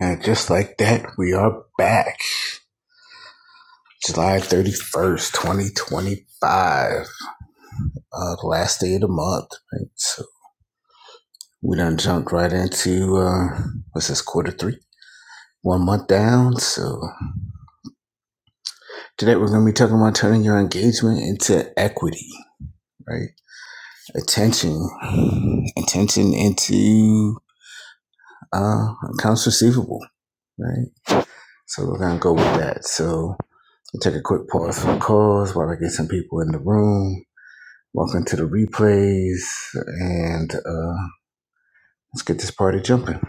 And just like that, we are back. July 31st, 2025, uh, the last day of the month. Right? So we done jumped right into, uh, what's this, quarter three? One month down. So today we're going to be talking about turning your engagement into equity, right? Attention, attention into, uh, accounts receivable, right? So we're going to go with that. So I'll take a quick pause for calls while I get some people in the room Welcome to the replays, and uh, let's get this party jumping.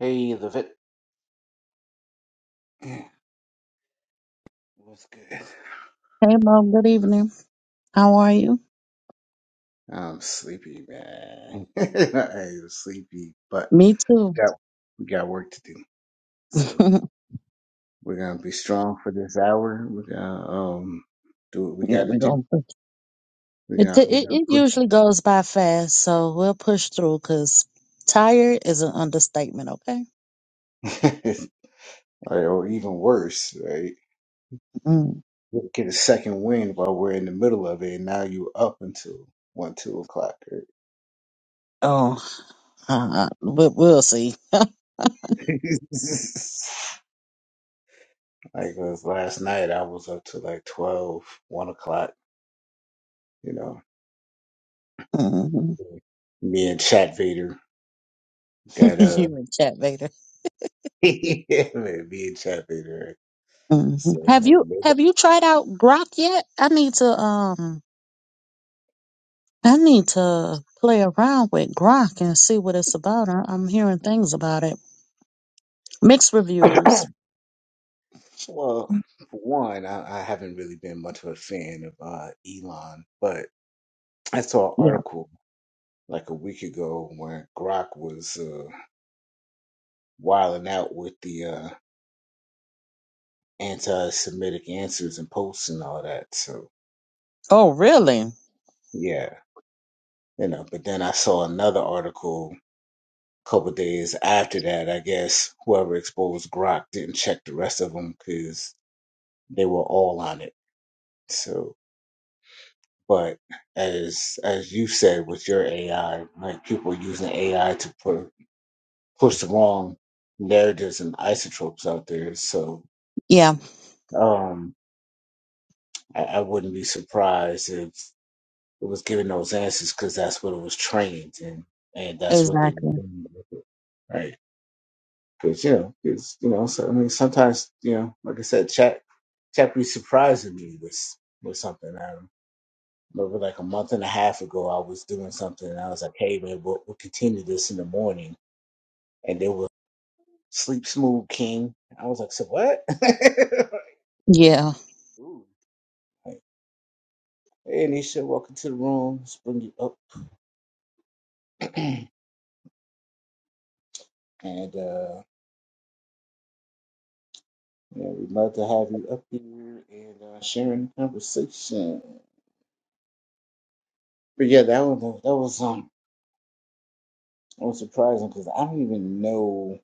Hey, the vet. What's good? Hey, Mom. Good evening. How are you? I'm sleepy, man. I am sleepy, but Me too. we got we got work to do. yeah, So we're gonna be strong for this hour. We're gonna um do what we gotta we do. gonna. push. We It, t- got we're it gonna it put usually goes by fast, so we'll push through. Cause tired is an understatement. Okay. or, or even worse, right? Mm. We'll get a second wind while we're in the middle of it, and now you up until one, two o'clock. Oh, uh, we, we'll see. Right? Like 'cause last night, I was up to like twelve one o'clock. You know, Mhm. me and Chat Vader got uh, you and chat later. yeah, man, me and Chat Vader. Mhm. So, I Have you mean, have you tried out Grok yet? I need to um I need to play around with Grok and see what it's about. I, I'm hearing things about it. Mixed they- reviews. well, for one, I, I haven't really been much of a fan of uh, Elon, but I saw an Yeah. article like a week ago where Grok was uh, wilding out with the uh, anti-Semitic answers and posts and all that. So, Oh, really? yeah, you know. But then I saw another article couple days after that, I guess whoever exposed Grok didn't check the rest of them because they were all on it. So, but as as you said with your AI, like people using AI to put push the wrong narratives and isotopes out there. So, Yeah, um, I, I wouldn't be surprised if it was giving those answers because that's what it was trained and and that's what they were exactly. doing with it. right? Cause you know, it's you know, so I mean, sometimes you know, like I said, chat chat be surprising me with with something. I remember like a month and a half ago, I was doing something, and I was like, "Hey man, we'll, we'll continue this in the morning," and they were sleep smooth king. I was like, "So what?" Like, Yeah, Ooh. Like, hey Nisha, welcome to the room. Let's bring you up, and uh, yeah, we'd love to have you up here and uh, sharing the conversation. But yeah, that was that was um. It was surprising because I don't even know.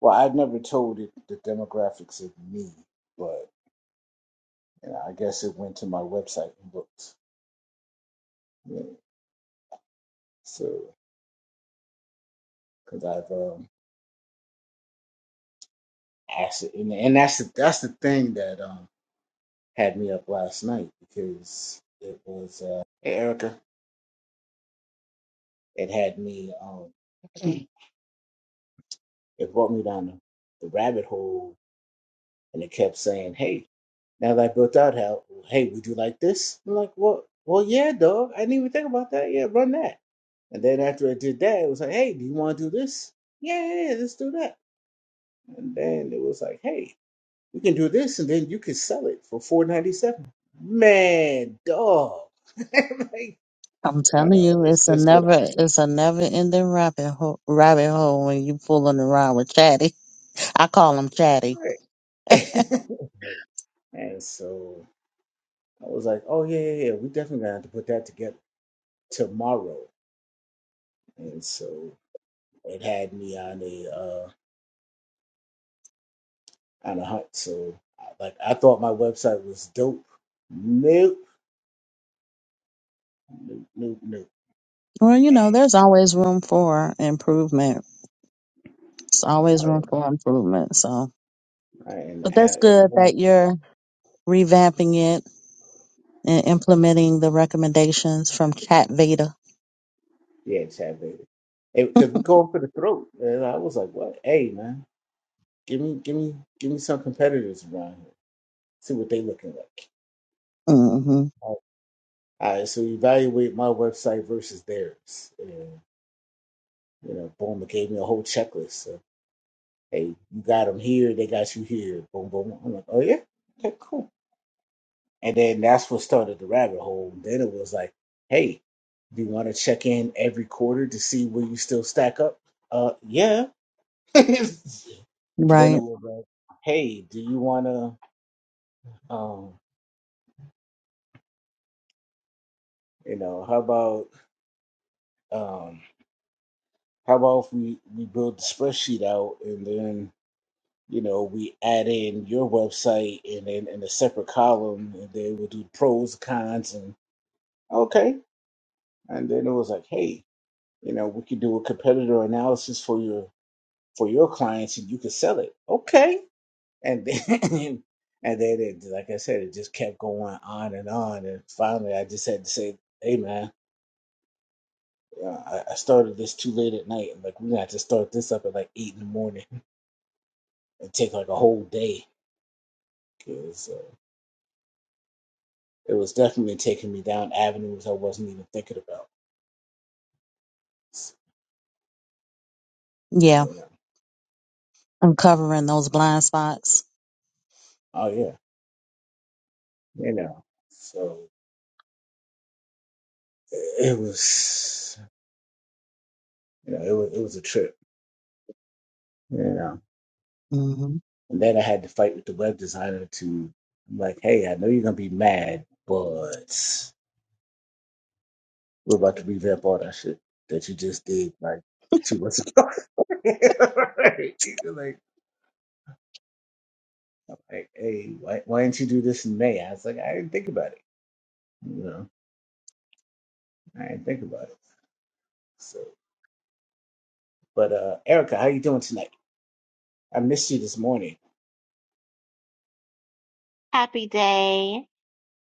Well, I never told it the demographics of me, but you know, I guess it went to my website and looked. Yeah. So, because I've um, asked it, and, and that's the that's the thing that um had me up last night because it was uh, hey Erica, it had me um, it brought me down the the rabbit hole, and it kept saying, "Hey, Now that I built out how, hey, would you like this? I'm like, well, well, yeah, dog. I didn't even think about that. Yeah, run that. And then after I did that, it was like, hey, do you want to do this? Yeah, yeah, yeah, let's do that. And then it was like, hey, we can do this, and then you can sell it for four ninety seven. Man, dog. like, I'm you telling know, you, that's it's a just what I never, need. it's a never ending rabbit hole, rabbit hole when you fooling around with Chatty. I call him Chatty. Right. and so I was like, oh yeah, yeah, yeah, we definitely gonna have to put that together tomorrow. And so it had me on a. uh, out of hunt. So, like, I thought my website was dope. Nope, nope, nope, nope. Well, you And, know, there's always room for improvement. It's always room oh, for improvement. So, and, but that's and good then, that you're revamping it and implementing the recommendations from Cat Veda. yeah, Chad Vader. Because we're going for the throat. And I was like, what? Hey, man, give me, give me, give me some competitors around here. See what they looking like. hmm Like, All right, so evaluate my website versus theirs. And, you know, boom, it gave me a whole checklist. So, hey, you got them here, they got you here. Boom, boom. I'm like, oh, yeah? Okay, cool. And then that's what started the rabbit hole. Then it was like, hey, do you want to check in every quarter to see where you still stack up? Uh, yeah. then it Right. was like, hey, do you want to, um, you know, how about, um, how about if we we build the spreadsheet out and then you know we add in your website and then in a separate column and then we'll do pros cons and okay and then it was like hey You know, we could do a competitor analysis for your for your clients, and you could sell it. Okay, and then and then it, like I said, it just kept going on and on, and finally, I just had to say, "Hey, man." uh, I I started this too late at night. Like we got to start this up at like eight in the morning and take like a whole day because uh, it was definitely taking me down avenues I wasn't even thinking about. Yeah. You know, Uncovering those blind spots. oh yeah, you know. So it it was, you know, it was it was a trip. Yeah. hmm And then I had to fight with the web designer to, I'm like, hey, I know you're gonna be mad, but we're about to revamp all that shit that you just did like two months ago. Right? Like, like, hey, why, why didn't you do this in May? I was like, I didn't think about it. You know, I didn't think about it. So, but uh, Erica, how you doing tonight? I missed you this morning. Happy day.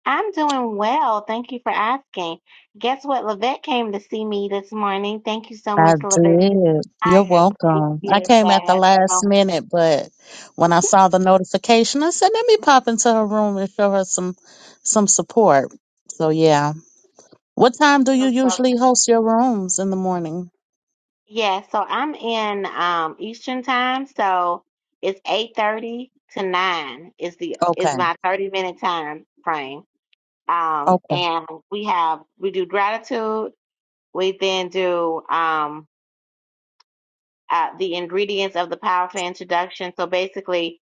I'm doing well. Thank you for asking. Guess what? Lavette came to see me this morning. Thank you so I much, Lavette. did. You're I welcome. I appreciate came at the that. last So, minute, but when I saw the notification, I said, let me pop into her room and show her some some support. So yeah. What time do you usually host your rooms in the morning? yeah, so I'm in um Eastern time, so it's 8:30 to 9 is the is Okay. my 30 minute time frame. Um Okay. and we have we do gratitude, we then do um uh, the ingredients of the powerful introduction. So basically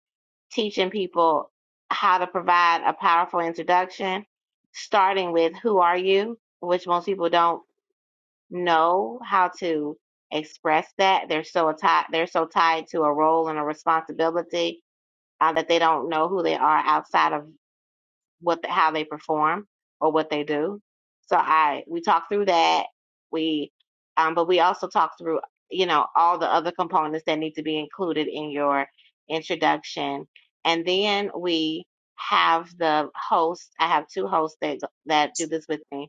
teaching people how to provide a powerful introduction, starting with who are you, which most people don't know how to express that. They're so tied they're so tied to a role and a responsibility uh, that they don't know who they are outside of what the, how they perform or what they do. So I we talk through that. We um but we also talk through, you know, all the other components that need to be included in your introduction. And then we have the host, I have two hosts that that do this with me.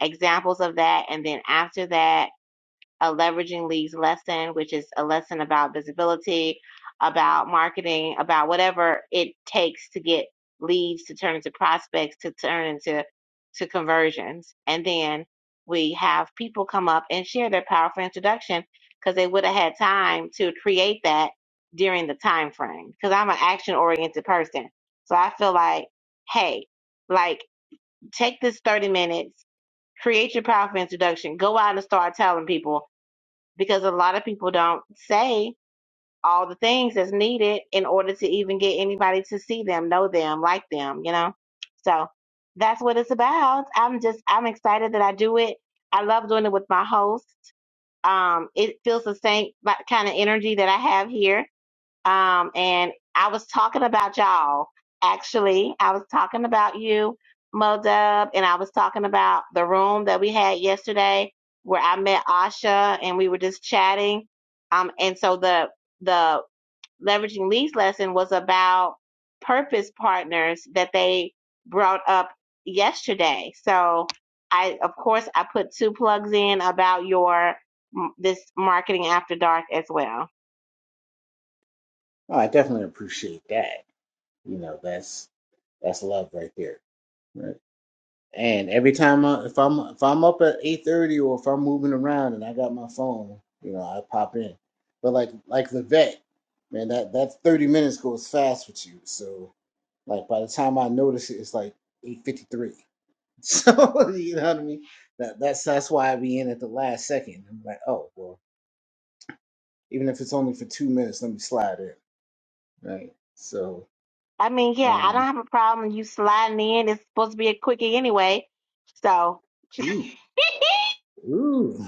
Examples of that and then after that a leveraging leads lesson, which is a lesson about visibility, about marketing, about whatever it takes to get leads to turn into prospects, to turn into to conversions. And then we have people come up and share their powerful introduction because they would have had time to create that during the time frame. Because I'm an action oriented person. So I feel like, hey, like take this 30 minutes, create your powerful introduction, go out and start telling people because a lot of people don't say all the things that's needed in order to even get anybody to see them, know them, like them, you know? So that's what it's about. I'm just, I'm excited that I do it. I love doing it with my host. Um, it feels the same like, kind of energy that I have here um, and I was talking about y'all. Actually, I was talking about you, Mo Dub, and I was talking about the room that we had yesterday where I met Asha and we were just chatting. Um, and so the the leveraging leads lesson was about purpose partners that they brought up yesterday. So I, of course, I put two plugs in about your m- this marketing after dark as well. Oh, I definitely appreciate that. You know, that's that's love right there. right? And every time I, if I'm if I'm up at eight thirty or if I'm moving around and I got my phone, you know, I pop in. But like like the vet, man, that that thirty minutes goes fast with you. So like by the time I notice it, it's like eight fifty three. So you know what I mean? That that's that's why I be in at the last second. I'm like, oh well, even if it's only for two minutes, let me slide in. Right. So I mean, yeah, I don't um have a problem you sliding in. It's supposed to be a quickie anyway. So, ooh, ooh.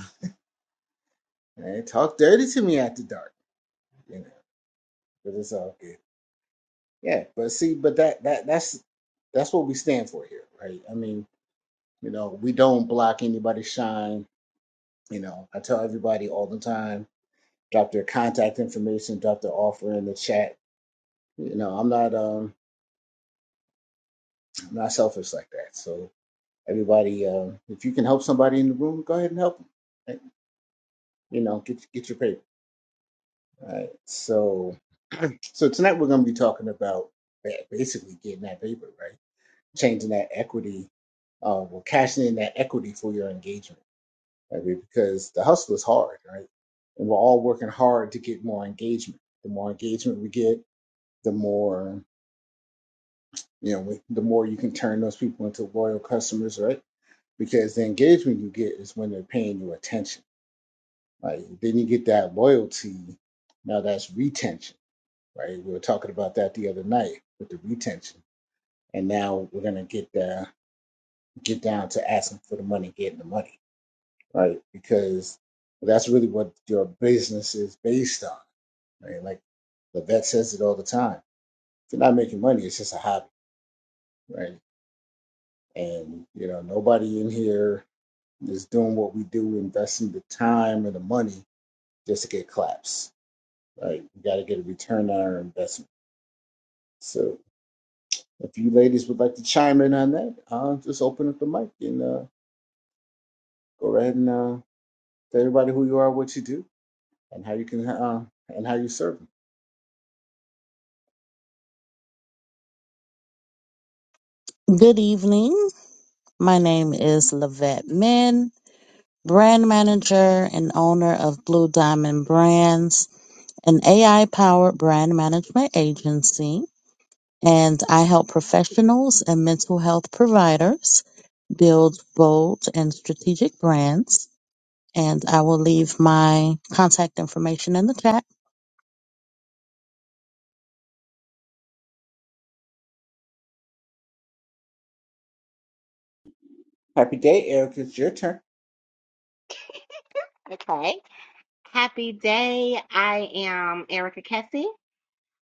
Man, talk dirty to me after dark, you know, but it's all good. Yeah, but see, but that that that's that's what we stand for here, right? I mean, you know, we don't block anybody's shine. You know, I tell everybody all the time, drop their contact information, drop their offer in the chat. You know, I'm not um I'm not selfish like that. So everybody, um, if you can help somebody in the room, go ahead and help them. Right? You know, get get your paper. All right. So so tonight we're gonna be talking about ba- basically getting that paper, right? Changing that equity uh, we're cashing in that equity for your engagement right? because the hustle is hard right and we're all working hard to get more engagement the more engagement we get the more you know we, the more you can turn those people into loyal customers right because the engagement you get is when they're paying you attention Like then you get that loyalty now that's retention right we were talking about that the other night with the retention and now we're going to get the get down to asking for the money getting the money right? Because that's really what your business is based on, right? Like the vet says it all the time. If you're not making money, it's just a hobby, right? And you know, nobody in here is doing what we do, investing the time and the money just to get claps, right? You got to get a return on our investment. So, if you ladies would like to chime in on that, uh, just open up the mic and uh, go ahead and uh, tell everybody who you are, what you do, and how you can uh, and how you serve them. Good evening. My name is Lavette Min. brand manager and owner of Blue Diamond Brands, an AI powered brand management agency. And I help professionals and mental health providers build bold and strategic brands. And I will leave my contact information in the chat. Happy day, Eric. It's your turn. okay. Happy day. I am Erica Kessie.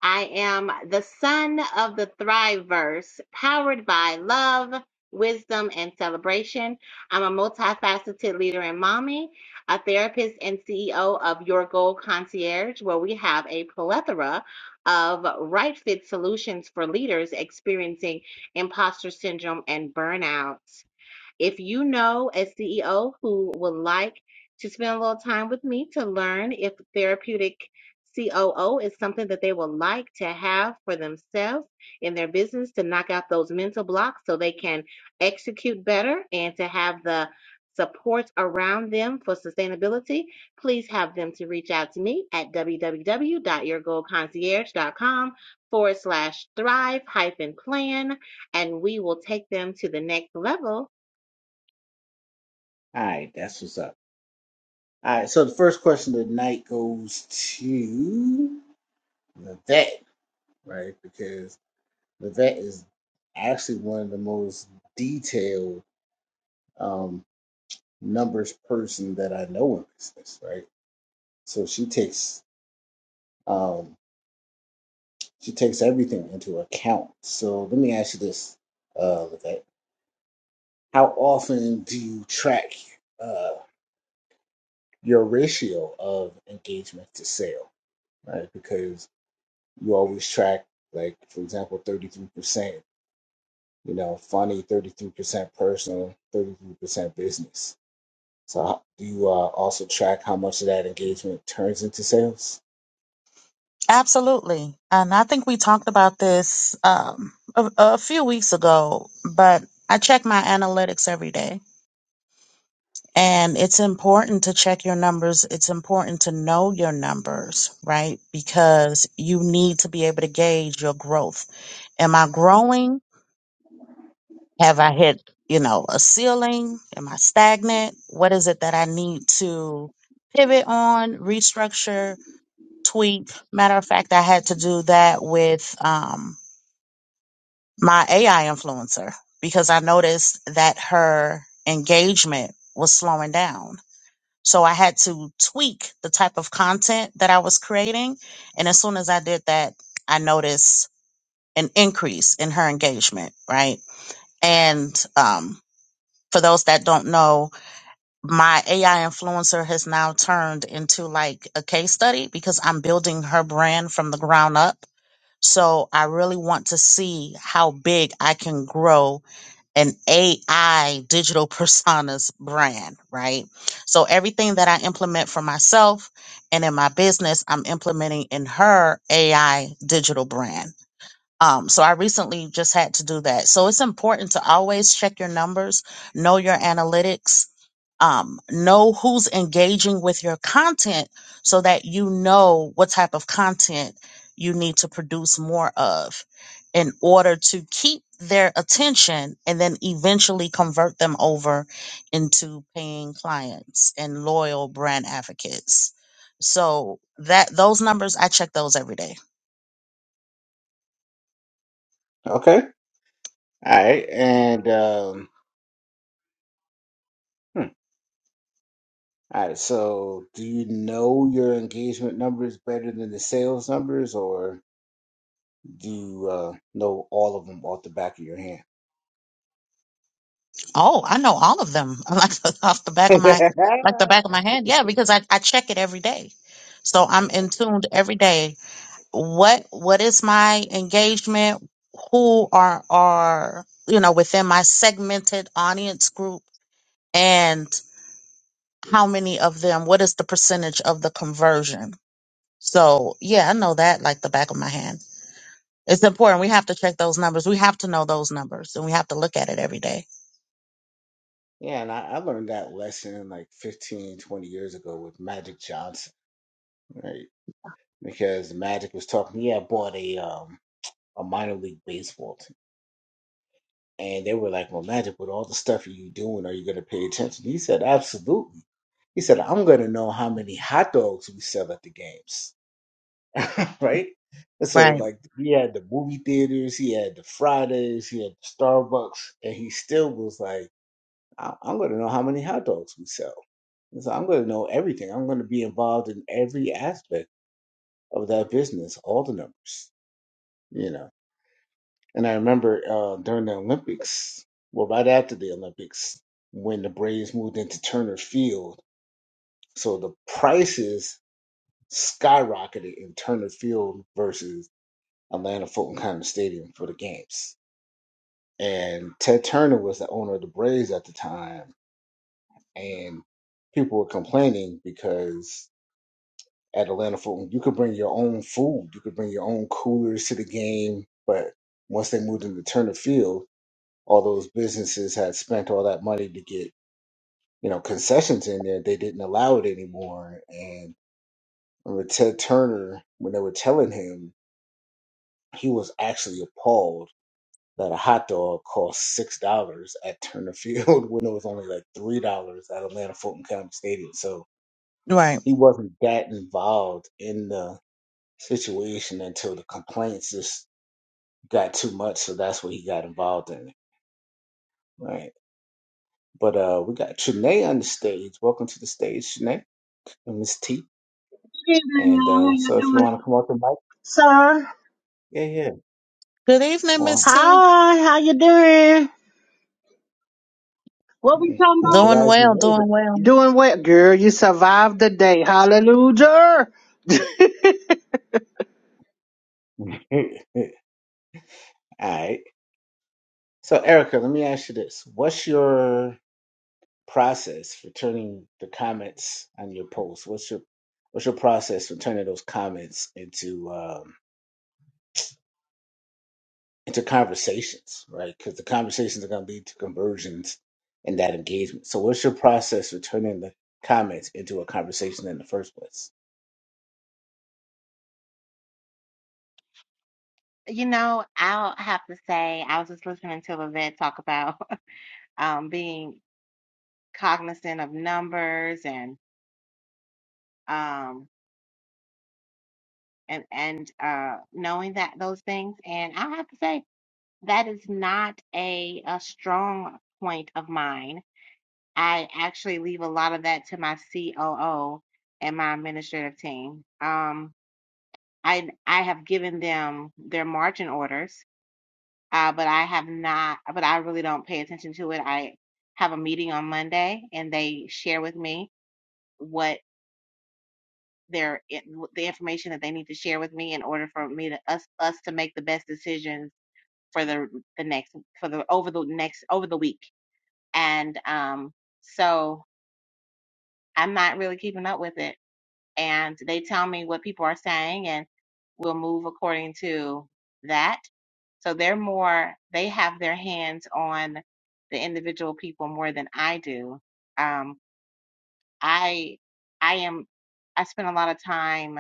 I am the son of the Thriveverse, powered by love, wisdom, and celebration. I'm a multifaceted leader and mommy, a therapist and CEO of Your Goal Concierge, where we have a plethora of right fit solutions for leaders experiencing imposter syndrome and burnout. If you know a CEO who would like to spend a little time with me to learn if therapeutic COO is something that they would like to have for themselves in their business to knock out those mental blocks so they can execute better and to have the support around them for sustainability, please have them to reach out to me at www.yourgoalconcierge.com forward slash thrive hyphen plan and we will take them to the next level All right, that's what's up. All right, so the first question of the night goes to the vet, right? Because the vet is actually one of the most detailed um, numbers person that I know in business, right? So she takes um, she takes everything into account. So let me ask you this, uh, Levette. How often do you track uh, your ratio of engagement to sale, right? Because you always track like for example 33% you know funny 33% personal 33% business so how- do you uh, also track how much of that engagement turns into sales Absolutely. And I think we talked about this um, a, a few weeks ago, but I check my analytics every day And it's important to check your numbers. It's important to know your numbers, right? Because you need to be able to gauge your growth. Am I growing? Have I hit, you know, a ceiling? Am I stagnant? What is it that I need to pivot on, restructure, tweak? Matter of fact, I had to do that with um, my AI influencer because I noticed that her engagement was slowing down So I had to tweak the type of content that I was creating. And as soon as I did that, I noticed an increase in her engagement, right? And um, for those that don't know, my AI influencer has now turned into like a case study because I'm building her brand from the ground up. So I really want to see how big I can grow an AI digital personas brand, right? So everything that I implement for myself and in my business, I'm implementing in her AI digital brand. Um, so I recently just had to do that. So it's important to always check your numbers, know your analytics, um, know who's engaging with your content so that you know what type of content you need to produce more of in order to keep their attention and then eventually convert them over into paying clients and loyal brand advocates. So that those numbers I check those every day. okay all right and um hmm. all right so do you know your engagement numbers better than the sales numbers or do you uh, know all of them off the back of your hand Oh, I know all of them. Like off the back of my like the back of my hand. Yeah, because I, I check it every day. So I'm All in tuned every day what what is my engagement who are are you know within my segmented audience group and how many of them what is the percentage of the conversion so yeah i know that like the back of my hand it's important we have to check those numbers we have to know those numbers and we have to look at it every day Yeah, and I, I learned that lesson like 15, 20 years ago with Magic Johnson, right? Because Magic was talking, Yeah, had bought a um a minor league baseball team. And they were like, Well, Magic, with all the stuff you doing, are you gonna pay attention? He said, Absolutely. He said, I'm gonna know how many hot dogs we sell at the games, right? And so right like he had the movie theaters, he had the Fridays, he had the Starbucks, and he still was like I- I'm going to know how many hot dogs we sell. And so I'm going to know everything. I'm going to be involved in every aspect of that business, all the numbers, you know. And I remember uh, during the Olympics, well, right after the Olympics, when the Braves moved into Turner Field, so the prices skyrocketed in Turner Field versus Atlanta Fulton County Stadium for the games. And Ted Turner was the owner of the Braves at the time, and people were complaining because at Atlanta Fulton. You could bring your own food. You could bring your own coolers to the game. But once they moved into Turner Field, all those businesses had spent all that money to get you know concessions in there. They didn't allow it anymore. And I remember Ted Turner, when they were telling him, he was actually appalled that a hot dog cost six dollars at Turner Field when it was only like three dollars at Atlanta Fulton County Stadium. So right he wasn't that involved in the situation until the complaints just got too much, so that's what he got involved in. Right. But uh we got Trinae on the stage. Welcome to the stage, Trinae and Miss T. evening, y'all. And How uh so if you you doing, want to come up and mic, sir? yeah, yeah. good evening Well, miss t Hi, how you doing? What we talking we're about? doing glad you well doing You well Doing what, girl? You survived the day. Hallelujah. made it. All right. So Erica, let me ask you this. What's your process for turning the comments on your post? What's your what's your process for turning those comments into um into conversations, right? Because the conversations are going to lead to conversions and that engagement. So, what's your process for turning the comments into a conversation in the first place? You know, I'll have to say, I was just listening to Levette talk about um, being cognizant of numbers and um, and and uh, knowing that those things. And I have to say, that is not a, a strong point of mine. I actually leave a lot of that to my COO and my administrative team. Um, I I have given them their margin orders uh, but I have not, but I really don't pay attention to it. I have a meeting on Monday and they share with me what their it- the information that they need to share with me in order for me to us us to make the best decisions for the the next for the over the next over the week. And um so I'm not really keeping up with it. and they tell me what people are saying and we'll move according to that. So they're more, they have their hands on the individual people more than I do. Um, I, I am, I spend a lot of time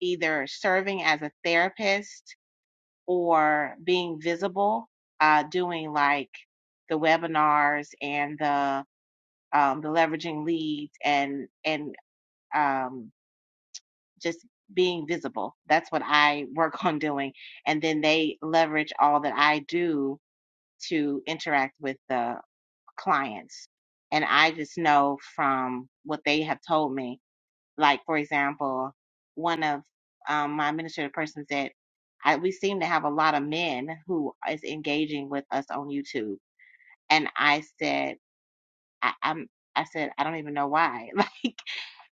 either serving as a therapist or being visible, uh, doing like the webinars and the, um, the leveraging leads and, and, um, just being visible. That's what I work on doing. And then they leverage all that I do to interact with the clients. And I just know from what they have told me. Like, for example, one of um, my administrative persons said, I, we seem to have a lot of men who is engaging with us on YouTube. And I said, I, I'm, I said, I don't even know why.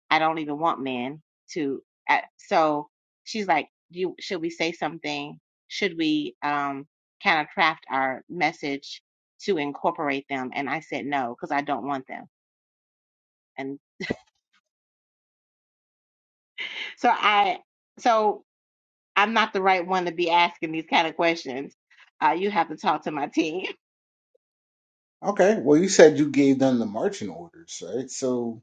I don't even want men to. I, so she's like, "Do you should we say something? Should we um kind of craft our message to incorporate them?" And I said no because I don't want them. And so I so I'm not the right one to be asking these kind of questions. Uh, you have to talk to my team. Okay. Well, you said you gave them the marching orders, right? So,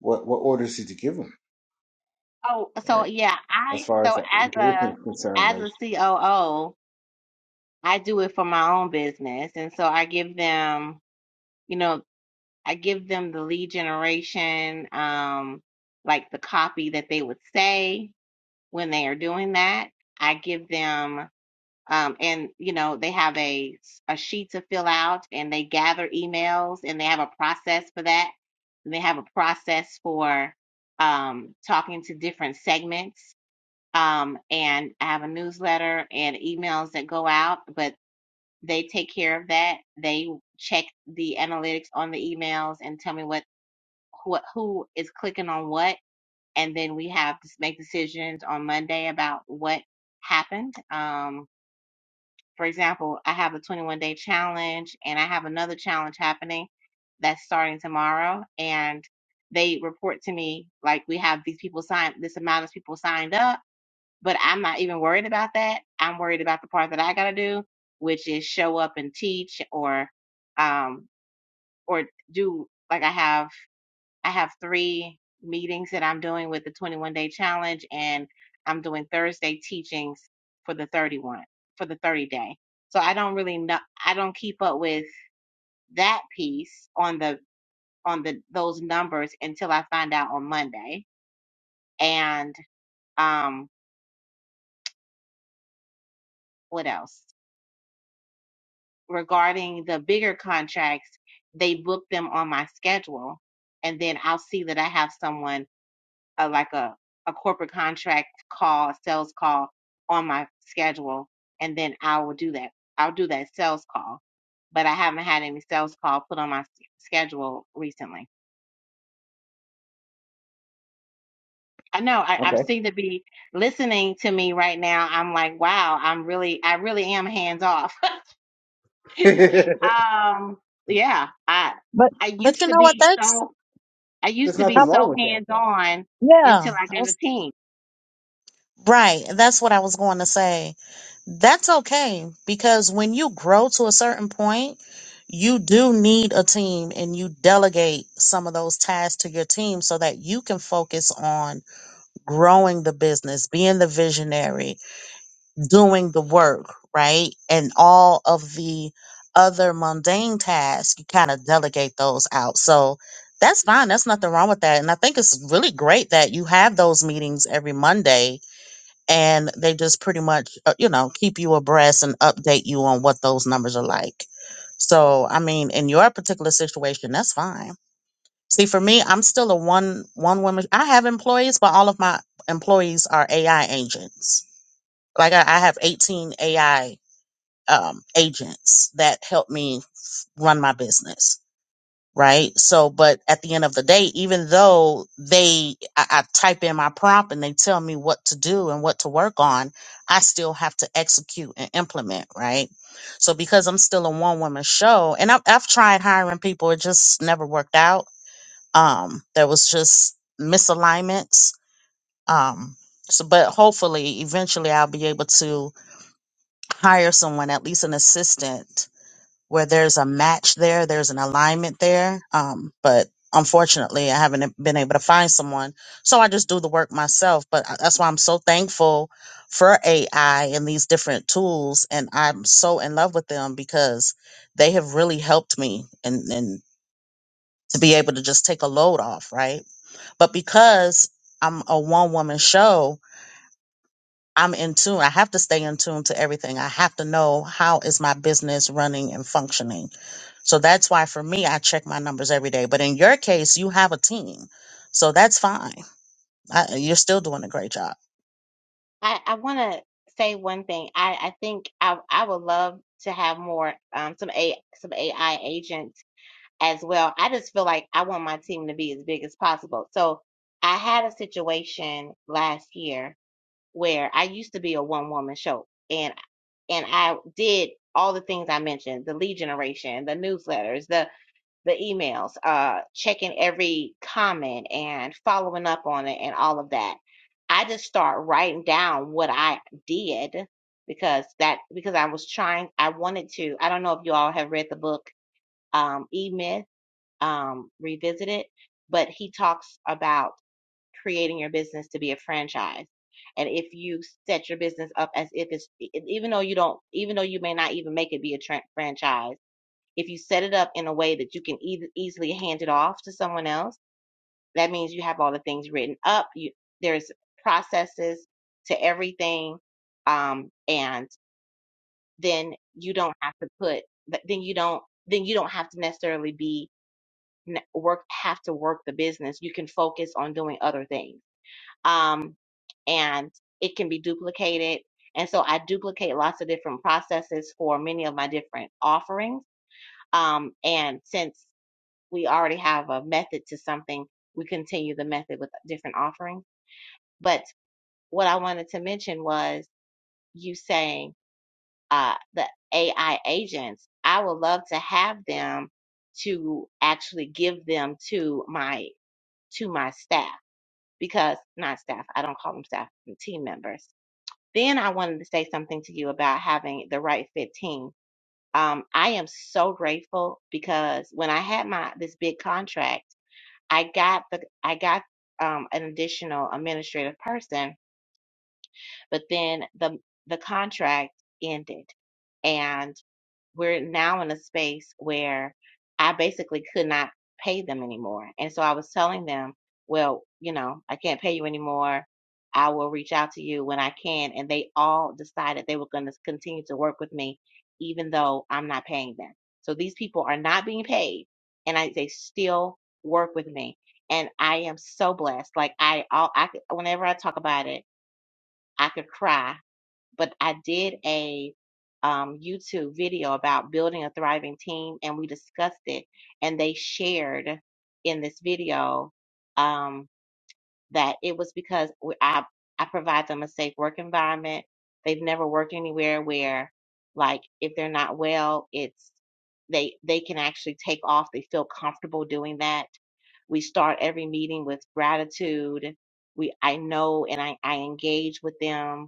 what what orders did you give them, Oh, so right? yeah, As I far as so that as a engagement is concerned, as like a COO, I do it for my own business, and so I give them. You know I give them the lead generation, um, like the copy that they would say when they are doing that. I give them, um, and you know, they have a a sheet to fill out, and they gather emails, and they have a process for that. And they have a process for um, talking to different segments. Um, and I have a newsletter and emails that go out, but they take care of that. They check the analytics on the emails and tell me what what who is clicking on what, and then we have to make decisions on Monday about what happened. Um, for example, I have a 21 day challenge, and I have another challenge happening that's starting tomorrow, and they report to me like we have these people signed, this amount of people signed up, but I'm not even worried about that. I'm worried about the part that I got to do, which is show up and teach or um, or do like I have. I have three meetings that I'm doing with the 21 day challenge, and I'm doing Thursday teachings for the 31 for the 30 day. So I don't really know. I don't keep up with that piece on the on the those numbers until I find out on Monday. And um, what else regarding the bigger contracts? They book them on my schedule, and then I'll see that I have someone a like a a corporate contract call, a sales call on my schedule, and then I will do that. I'll do that sales call, but I haven't had any sales call put on my s- schedule recently. I know I, I'm okay, seem to be listening to me right now. I'm like, wow, I'm really, I really am hands off. um, yeah, I but I but used you to know what be that's so I used there's to be uh, nothing wrong so with that hands though. on yeah until I I got a was, team. right that's what i was going to say That's okay because when you grow to a certain point, you do need a team and you delegate some of those tasks to your team so that you can focus on growing the business, being the visionary, doing the work, right? And all of the other mundane tasks, you kind of delegate those out. So that's fine. That's nothing wrong with that. And I think it's really great that you have those meetings every Monday and they just pretty much uh, you know keep you abreast and update you on what those numbers are like so i mean in your particular situation that's fine see for me i'm still a one one woman i have employees but all of my employees are ai agents like i, I have 18 ai um, agents that help me run my business right? So, but at the end of the day, even though they, I, I type in my prompt and they tell me what to do and what to work on, I still have to execute and implement, right? So, because I'm still a one woman show and I've, I've tried hiring people, it just never worked out. Um, there was just misalignments. Um, so, but hopefully, eventually, I'll be able to hire someone, at least an assistant where there's a match there, there's an alignment there. Um, but unfortunately, I haven't e-, been able to find someone. So I just do the work myself. But I- that's why I'm so thankful for AI and these different tools. And I'm so in love with them because they have really helped me and, and to be able to just take a load off, right? But because I'm a one woman show, I'm in tune. I have to stay in tune to everything. I have to know how is my business running and functioning so that's why for me, I check my numbers every day. But in your case, you have a team. So that's fine. I, you're still doing a great job. I, I want to say one thing. I, I think I, I would love to have more um, some a some AI agents as well. I just feel like I want my team to be as big as possible. So I had a situation last year where I used to be a one woman show, and and I did all the things I mentioned: the lead generation, the newsletters, the the emails, uh, checking every comment and following up on it and all of that. I just start writing down what I did because that because I was trying I wanted to I don't know if you all have read the book um E Myth um Revisited, but he talks about creating your business to be a franchise. And if you set your business up as if it's even though you don't even though you may not even make it be a tran franchise if you set it up in a way that you can eas easily hand it off to someone else, that means you have all the things written up. You, there's processes to everything. Um, and then you don't have to put, but then you don't, then you don't have to necessarily be n- work, have to work the business. You can focus on doing other things. Um, and it can be duplicated. And so I duplicate lots of different processes for many of my different offerings. Um, and since we already have a method to something, we continue the method with different offerings. But what I wanted to mention was you saying uh, the AI agents, I would love to have them to actually give them to my to my staff because not staff, I don't call them staff, team members. Then I wanted to say something to you about having the right fit team. Um, I am so grateful because when I had my this big contract I got the I got um an additional administrative person, but then the the contract ended. and we're now in a space where I basically could not pay them anymore. And so I was telling them, well, you know, I can't pay you anymore. I will reach out to you when I can. And they all decided they were going to continue to work with me, even though I'm not paying them. So these people are not being paid and I, they still work with me. And I am so blessed. Like I, all, I, whenever I talk about it, I could cry but I did a um, YouTube video about building a thriving team, and we discussed it. And they shared in this video um, that it was because we- I I provide them a safe work environment. They've never worked anywhere where, like, if they're not well, it's they they can actually take off. They feel comfortable doing that. We start every meeting with gratitude. We I know and I, I engage with them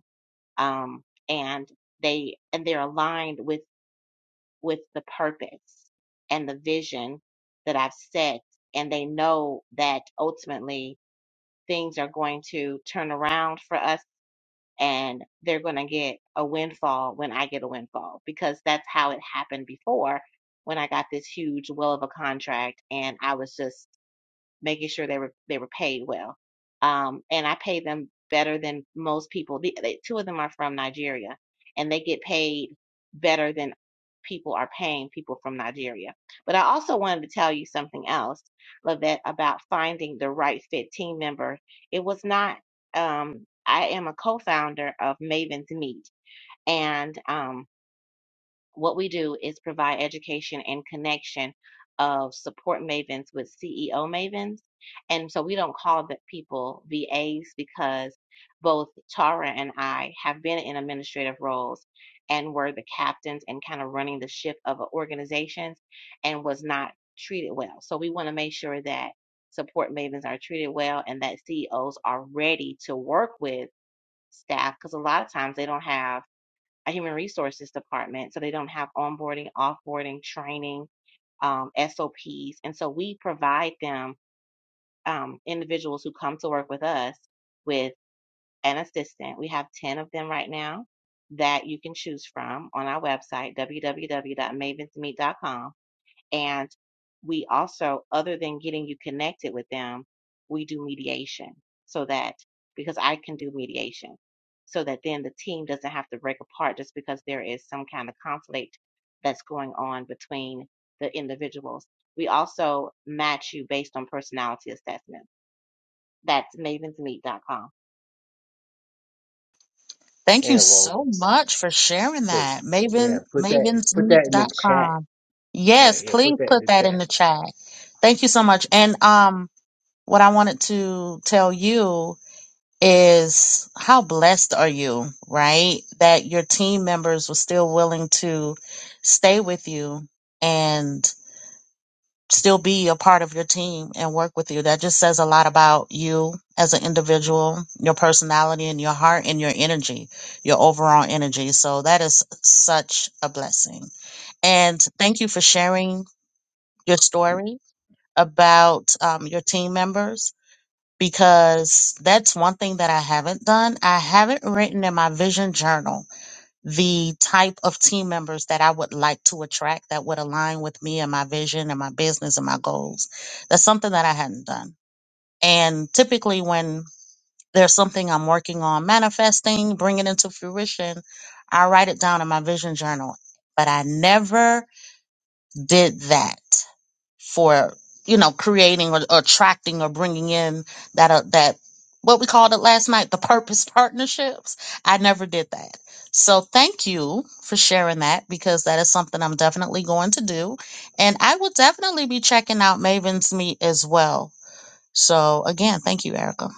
um, and they and they're aligned with with the purpose and the vision that I've set, and they know that ultimately things are going to turn around for us, and they're going to get a windfall when I get a windfall because that's how it happened before when I got this huge will of a contract, and I was just making sure they were they were paid well. Um, and I pay them better than most people. The, they, two of them are from Nigeria, and they get paid better than people are paying people from Nigeria. But I also wanted to tell you something else, Lavette, about finding the right fit team member. It was not. Um, I am a co-founder of Maven's Meet, and um, what we do is provide education and connection of support mavens with CEO mavens. And so we don't call the people VAs because both Tara and I have been in administrative roles and were the captains and kind of running the ship of organizations and was not treated well. So we want to make sure that support mavens are treated well and that CEOs are ready to work with staff because a lot of times they don't have a human resources department, so they don't have onboarding, offboarding, training, um, SOPs. And so we provide them um, individuals who come to work with us with an assistant. We have 10 of them right now that you can choose from on our website, www.mavensmeet.com and we also, other than getting you connected with them, we do mediation so that because I can do mediation so that then the team doesn't have to break apart just because there is some kind of conflict that's going on between the individuals. We also match you based on personality assessment. That's mavensmeet.com. Thank you Yeah, well, so much for sharing put that. yeah, Maven, put that mavens put meet that in the dot chat. com. Yeah, Yes, yeah, please put that in put the that in chat. the chat. Thank you so much. And um, what I wanted to tell you is how blessed are you, right? That your team members were still willing to stay with you and. still be a part of your team and work with you. That just says a lot about you as an individual, your personality and your heart and your energy, your overall energy. So that is such a blessing. And thank you for sharing your story about um, your team members because that's one thing that I haven't done. I haven't written in my vision journal the type of team members that I would like to attract that would align with me and my vision and my business and my goals. That's something that I hadn't done. And typically, when there's something I'm working on manifesting, bringing into fruition, I write it down in my vision journal. But I never did that for you know creating or, or attracting or bringing in that uh, that what we called it last night the purpose partnerships i never did that so thank you for sharing that because that is something i'm definitely going to do and i will definitely be checking out maven's meet as well so again thank you erica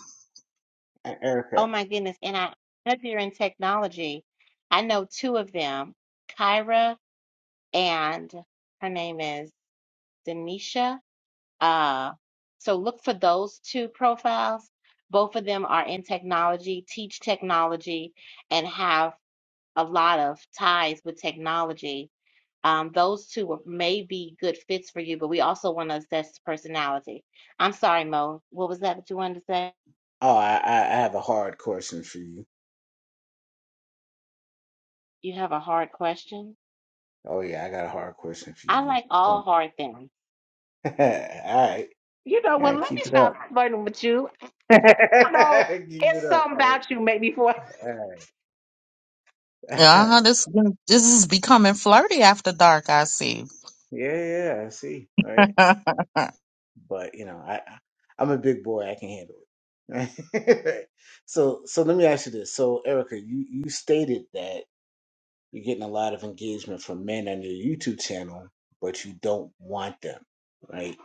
E- Oh Erica, my goodness. And I, if you're in technology, I know two of them, Kyra and her name is Denisha Uh, so look for those two profiles. Both of them are in technology, teach technology, and have a lot of ties with technology. Um, those two were- may be good fits for you, but we also want to assess personality. I'm sorry, Mo. What was that that you wanted to say? oh, I I I have a hard question for you You have a hard question? Oh yeah, I got a hard question for I you. like all hard things. All right, You know all what? right, Let me keep it up. stop flirting with you. keep I don't know. it It's up, something about right? you, maybe, for. All right, all right. uh-huh, this this is becoming flirty after dark i see Yeah, yeah, I see. All right, but you know, I, I I'm a big boy. I can handle it. so, so let me ask you this. So, Erica, you you stated that you're getting a lot of engagement from men on your YouTube channel, but you don't want them, right?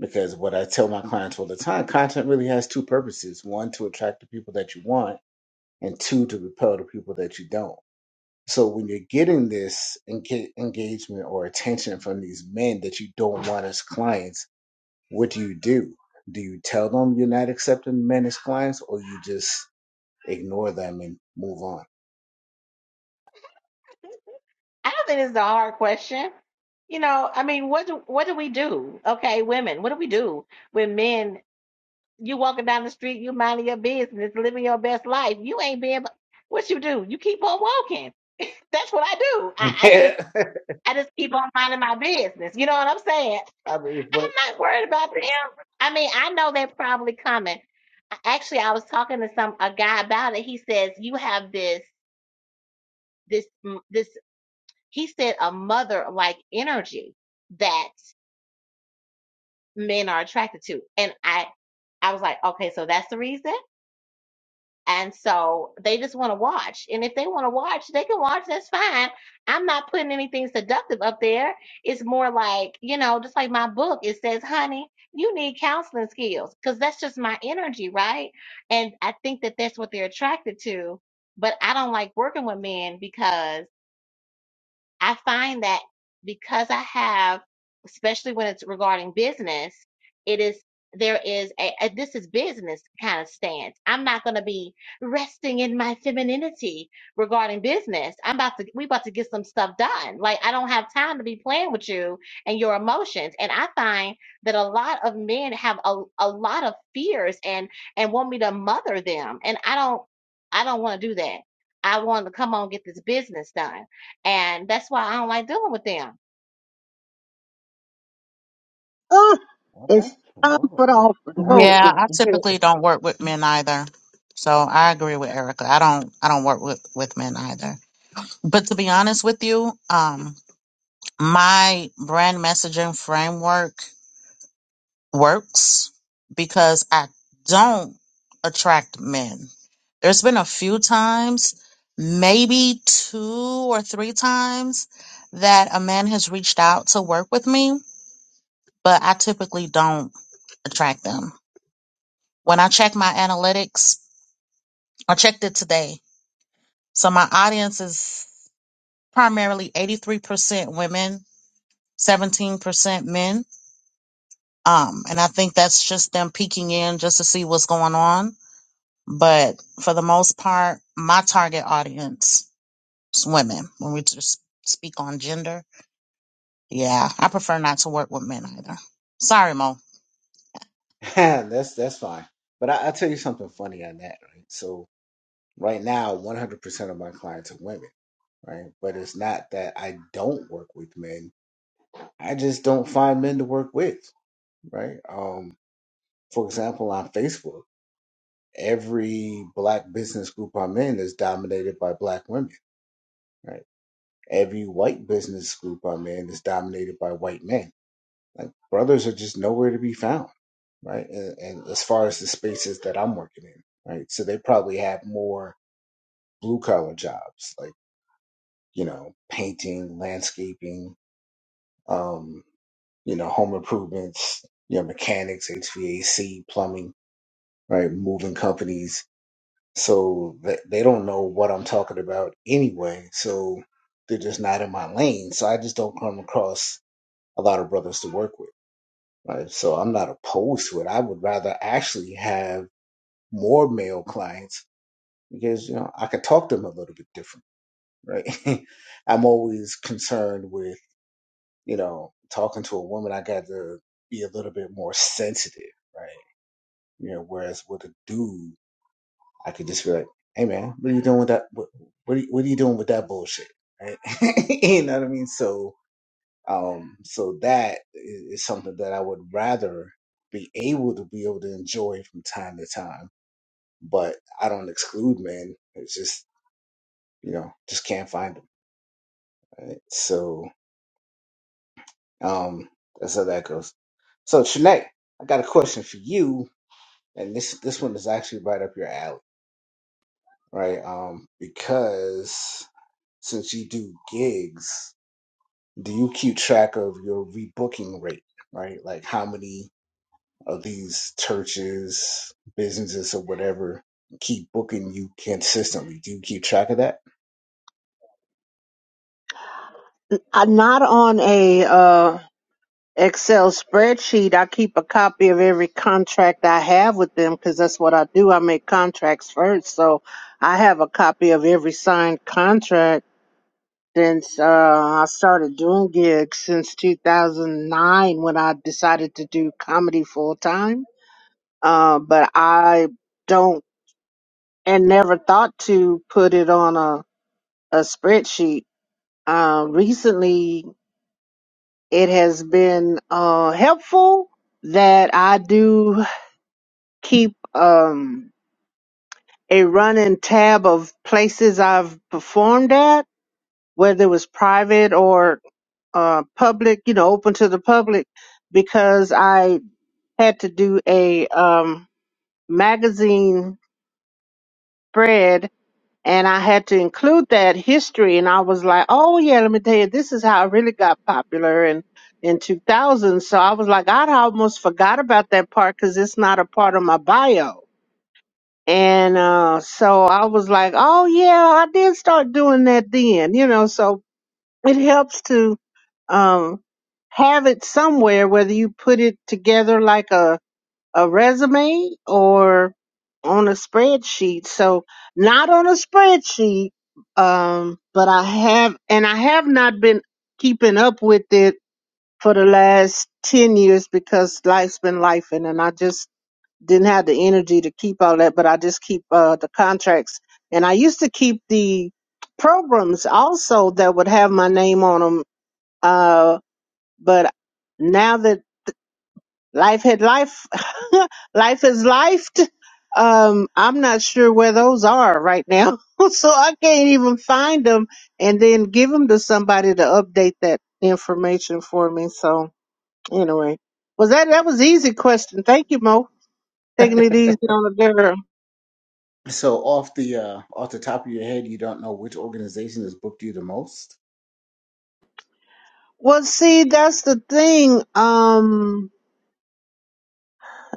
Because what I tell my clients all the time, content really has two purposes: one, to attract the people that you want and two to repel the people that you don't. So when you're getting this enga- engagement or attention from these men that you don't want as clients, what do you do? Do you tell them you're not accepting men as clients, or you just ignore them and move on? I don't think it's a hard question. You know, I mean, what do what do we do? Okay, women, what do we do when men? You walking down the street, you minding your business, living your best life. You ain't being what you do. You keep on walking. That's what I do. I, I just I I just keep on minding my business. You know what I'm saying? mean, but I'm not worried about them. I mean, I know they're probably coming. I- Actually, I was talking to some a guy about it. He says you have this this m- this. He said a mother like energy that men are attracted to. And I I was like, okay, so that's the reason. And so they just want to watch. And if they want to watch, they can watch. That's fine. I'm not putting anything seductive up there. It's more like, you know, just like my book, it says, honey, you need counseling skills because that's just my energy, right? And I think that that's what they're attracted to. But I don't like working with men because I find that because I have, especially when it's regarding business, it is there is a, a this is business kind of stance. I'm not going to be resting in my femininity regarding business. I'm about to we about to get some stuff done. Like I don't have time to be playing with you and your emotions. And I find that a lot of men have a, a lot of fears and and want me to mother them. And I don't I don't want to do that. I want to come on get this business done. And that's why I don't like dealing with them. Oh, okay, it's time well, for the offering. uh, Go, Yeah, girl. I all right, typically don't work with men either. So I agree with Erica. I don't I don't work with, with men either. But to be honest with you, um my brand messaging framework works because I don't attract men. There's been a few times, maybe two or three times that a man has reached out to work with me, but I typically don't attract them. When I check my analytics, I checked it today. So my audience is primarily 83% women, 17% men. Um, and I think that's just them peeking in just to see what's going on. But for the most part, my target audience is women. When we just speak on gender, yeah, I prefer not to work with men either. Sorry, Mo. that's that's fine. But I, I'll tell you something funny on that. Right, so right now, 100% of my clients are women. Right, but it's not that I don't work with men I just don't find men to work with, right? Um, for example, on Facebook, every black business group I'm in is dominated by black women, right? Every white business group I'm in is dominated by white men. Like brothers are just nowhere to be found, right? And, and as far as the spaces that I'm working in, right? So they probably have more blue collar jobs, like you know, painting, landscaping, um, you know, home improvements, you know, mechanics, HVAC, plumbing right? Moving companies. So th- they don't know what I'm talking about anyway. So they're just not in my lane. So I just don't come across a lot of brothers to work with, right? So I'm not opposed to it. I would rather actually have more male clients because, you know, I could talk to them a little bit different, right? I'm always concerned with, you know, talking to a woman, I got to be a little bit more sensitive, right? You know, whereas with a dude, I could just be like, "Hey, man, what are you doing with that? What what are you, what are you doing with that bullshit?" Right? you know what I mean? So, um, so that is, is something that I would rather be able to be able to enjoy from time to time. But I don't exclude men. It's just you know, just can't find them. Right? So, um, that's how that goes. So, Shanae, I got a question for you, and this this one is actually right up your alley, right? Um, because since you do gigs. do you keep track of your rebooking rate, right? Like how many of these churches, businesses, or whatever keep booking you consistently? Do you keep track of that? I'm not on a uh, Excel spreadsheet. I keep a copy of every contract I have with them because that's what I do. I make contracts first, so I have a copy of every signed contract. since uh, I started doing gigs since 2009 when I decided to do comedy full time. Uh, but I don't and never thought to put it on a, a spreadsheet. Uh, recently, it has been uh, helpful that I do keep um, a running tab of places I've performed at, whether it was private or uh, public, you know, open to the public because I had to do a um, magazine spread and I had to include that history. And I was like, oh, yeah, let me tell you, this is how I really got popular in, in 2000. So I was like, I almost forgot about that part because it's not a part of my bio. And uh, so I was like, oh, yeah, I did start doing that then, you know. So it helps to um, have it somewhere, whether you put it together like a, a resume or on a spreadsheet. So not on a spreadsheet, um, but I have, and I have not been keeping up with it for the last 10 years because life's been life and I just didn't have the energy to keep all that, but I just keep uh, the contracts and I used to keep the programs also that would have my name on 'em uh, but now that life had life, life is lifed. Um, I'm not sure where those are right now, so I can't even find them and then give them to somebody to update that information for me. So anyway, was that that was an easy question? Thank you, Mo. Taking it easy on the girl. So off the uh, off the top of your head, you don't know which organization has booked you the most. Well, see, that's the thing. Um,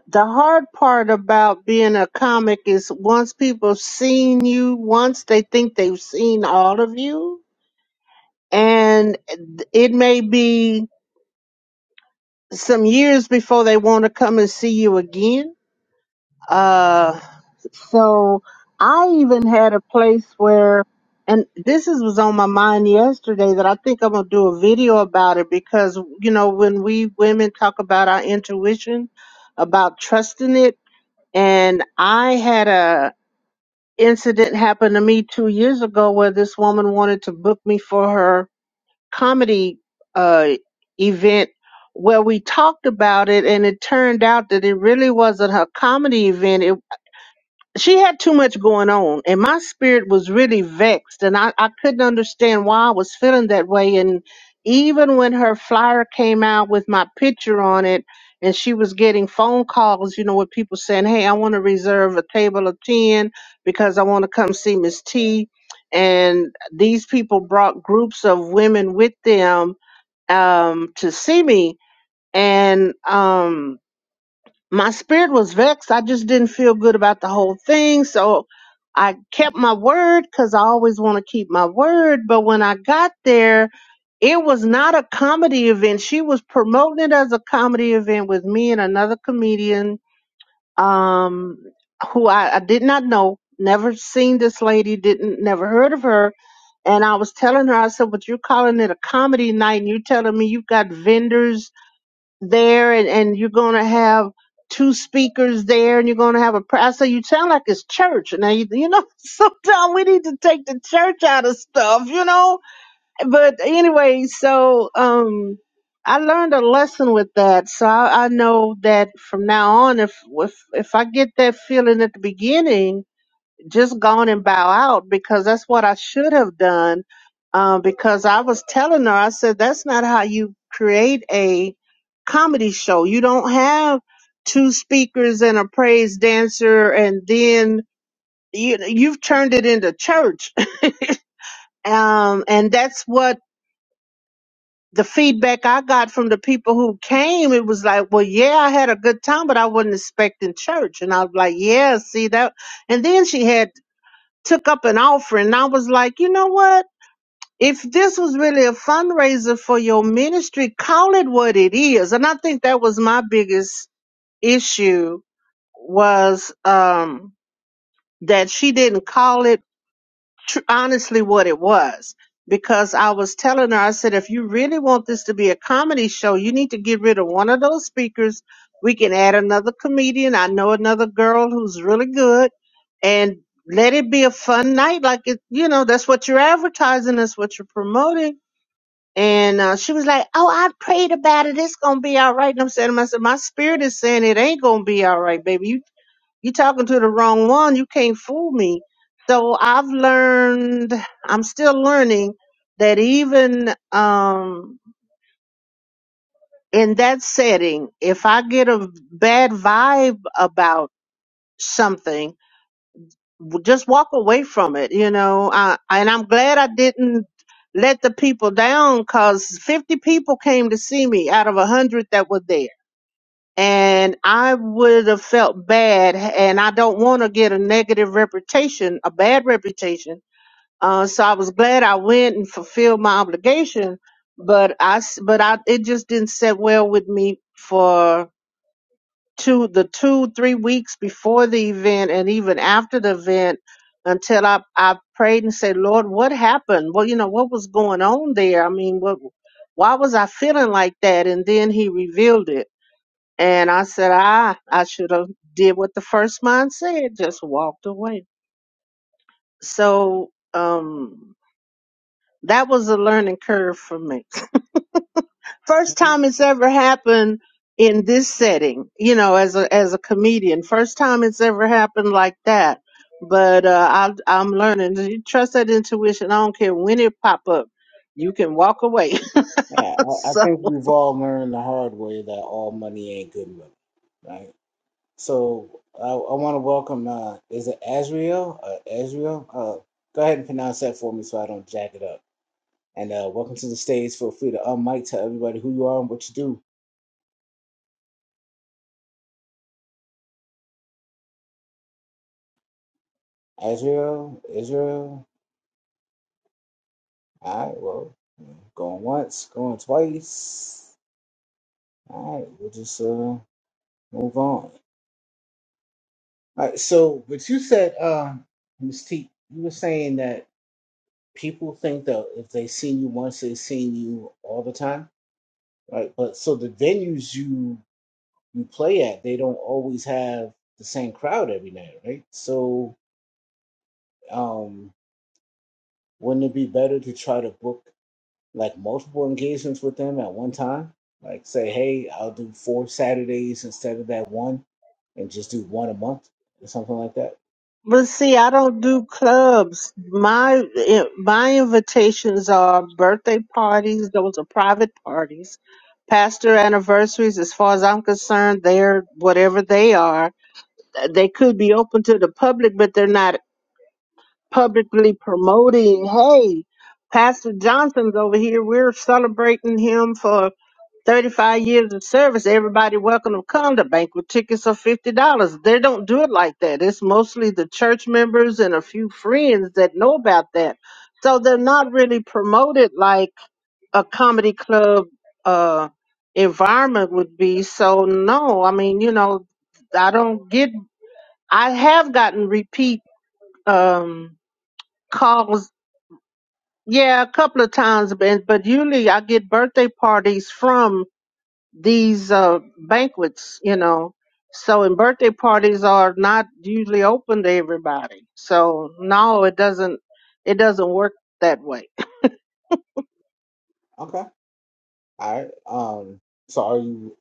the hard part about being a comic is once people seen you once they think they've seen all of you and it may be some years before they want to come and see you again uh so i even had a place where and this is, was on my mind yesterday that i think i'm going to do a video about it because you know when we women talk about our intuition about trusting it and i had a incident happened to me two years ago where this woman wanted to book me for her comedy uh, event where we talked about it and it turned out that it really wasn't her comedy event she had too much going on and my spirit was really vexed and I, I couldn't understand why I was feeling that way and even when her flyer came out with my picture on it and she was getting phone calls, you know, with people saying, Hey, I want to reserve a table of ten because I want to come see Miss T and these people brought groups of women with them um to see me and um my spirit was vexed. I just didn't feel good about the whole thing. So I kept my word because I always want to keep my word. But when I got there, it was not a comedy event. She was promoting it as a comedy event with me and another comedian um, who I, I did not know. Never seen this lady, didn't never heard of her. And I was telling her, I said, But you're calling it a comedy night and you're telling me you've got vendors there and, and you're going to have two speakers there and you're going to have a pastor. You sound like it's church. Now, you, you know, sometimes we need to take the church out of stuff, you know, but anyway, so, um, I learned a lesson with that. So I, I know that from now on, if, if, if I get that feeling at the beginning, just gone and bow out because that's what I should have done. Uh, because I was telling her, I said, that's not how you create a comedy show. You don't have two speakers and a praise dancer, and then you, you've turned it into church. Um, and that's what the feedback I got from the people who came. It was like, well, yeah, I had a good time, but I wasn't expecting church. And I was like, yeah, see that. And then she had took up an offering. And I was like, you know what? If this was really a fundraiser for your ministry, call it what it is. And I think that was my biggest issue was um, that she didn't call it tr- honestly what it was because I was telling her, I said, if you really want this to be a comedy show, you need to get rid of one of those speakers. We can add another comedian. I know another girl who's really good and let it be a fun night. Like it, you know, that's what you're advertising. That's what you're promoting. And uh, she was like, oh, I prayed about it. It's going to be all right. And I'm saying to myself, my spirit is saying it ain't going to be all right, baby you talking to the wrong one. You can't fool me. So I've learned, I'm still learning that even um, in that setting, if I get a bad vibe about something, w- just walk away from it, you know. I, and I'm glad I didn't let the people down because 50 people came to see me out of 100 that were there and I would have felt bad, and I don't want to get a negative reputation, a bad reputation. Uh, so I was glad I went and fulfilled my obligation, but I, s- but I, it just didn't sit well with me for two, the two, three weeks before the event, and even after the event, until I, I prayed and said, Lord, what happened? Well, you know, what was going on there? I mean, what, why was I feeling like that? And then He revealed it and I said, ah, I should have did what the first mind said, just walked away. So um, that was a learning curve for me. First Mhm. time it's ever happened in this setting, you know, as a as a comedian. First time it's ever happened like that. But uh, I, I'm learning. You trust that intuition. I don't care when it pop up. You can walk away. Yeah, I, I think we've all learned the hard way that all money ain't good money, right? So I, I want to welcome. Uh, is it Azriel? Uh, Azriel? Uh, go ahead and pronounce that for me so I don't jack it up. And uh, welcome to the stage. Feel free to unmic, tell everybody who you are and what you do. Israel, Israel. All right, well, going once, going twice. All right, we'll just uh, move on. All right, so but you said, uh, Ms. T, you were saying that people think that if they seen you once, they've seen you all the time, right? But so the venues you you play at, they don't always have the same crowd every night, right? So. um Wouldn't it be better to try to book like multiple engagements with them at one time? Like say, hey, I'll do four Saturdays instead of that one, and just do one a month or something like that. But see, I don't do clubs. My eh, my invitations are birthday parties. Those are private parties. Pastor anniversaries, as far as I'm concerned, they're whatever they are. They could be open to the public, but they're not publicly promoting. Hey, Pastor Johnson's over here. We're celebrating him for 35 years of service, everybody welcome to come. The banquet tickets are $50. They don't do it like that. It's mostly the church members and a few friends that know about that. So they're not really promoted like a comedy club uh, environment would be. So, no, I mean, you know, I don't get, I have gotten repeat um, calls. Yeah, a couple of times, but but usually I get birthday parties from these uh, banquets, you know. So, and birthday parties are not usually open to everybody. So, no, it doesn't. It doesn't work that way. Okay, all right. Um, so are you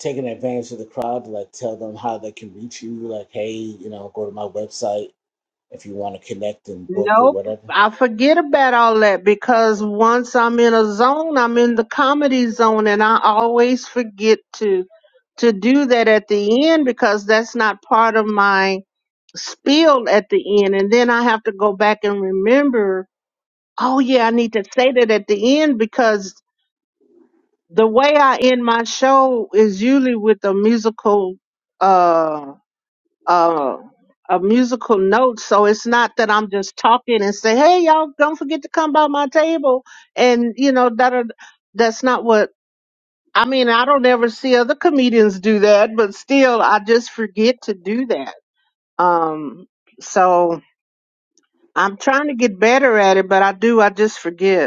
taking advantage of the crowd to like tell them how they can reach you? Like, hey, you know, go to my website if you want to connect and book or Nope, whatever. I forget about all that because once I'm in a zone, I'm in the comedy zone, and I always forget to to do that at the end because that's not part of my spiel at the end. And then I have to go back and remember. Oh yeah, I need to say that at the end because the way I end my show is usually with a musical uh uh a musical note so it's not that I'm just talking and say hey y'all don't forget to come by my table and you know that are, that's not what I mean I don't ever see other comedians do that but still I just forget to do that um so I'm trying to get better at it but I do I just forget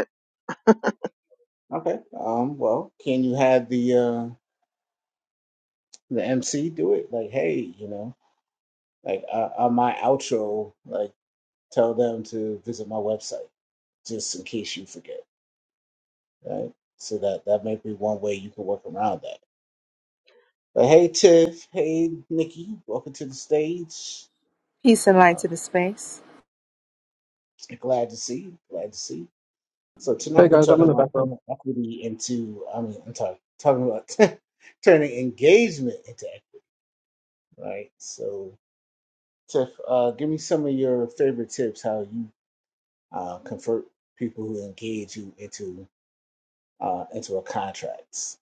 Okay. Um. Well, can you have the uh the MC do it? Like, hey, you know, like uh, on my outro, like. tell them to visit my website just in case you forget, right? So that that may be one way you can work around that. But hey, Tiff, hey, Nikki, welcome to the stage. Peace and light Uh, to the space. glad to see you. Glad to see you. So Hey tonight we're guys, I'm talking in the about background. turning equity into. I mean, I'm talking talking about turning engagement into equity, right? So Tiff, uh, give me some of your favorite tips how you uh, convert people who engage you into uh, into a contract.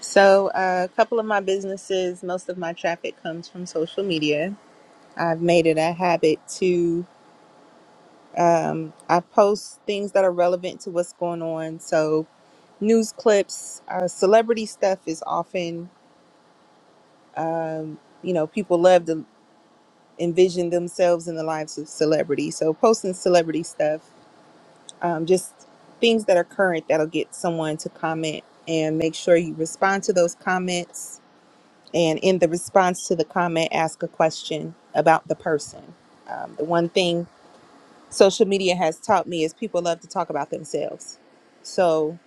So, uh, a couple of my businesses, most of my traffic comes from social media. I've made it a habit to I post things that are relevant to what's going on. So, news clips, uh, celebrity stuff is often, you know, people love to envision themselves in the lives of celebrities. So, posting celebrity stuff, um, just things that are current that'll get someone to comment and make sure you respond to those comments And in the response to the comment, ask a question about the person. Um, the one thing social media has taught me is people love to talk about themselves. So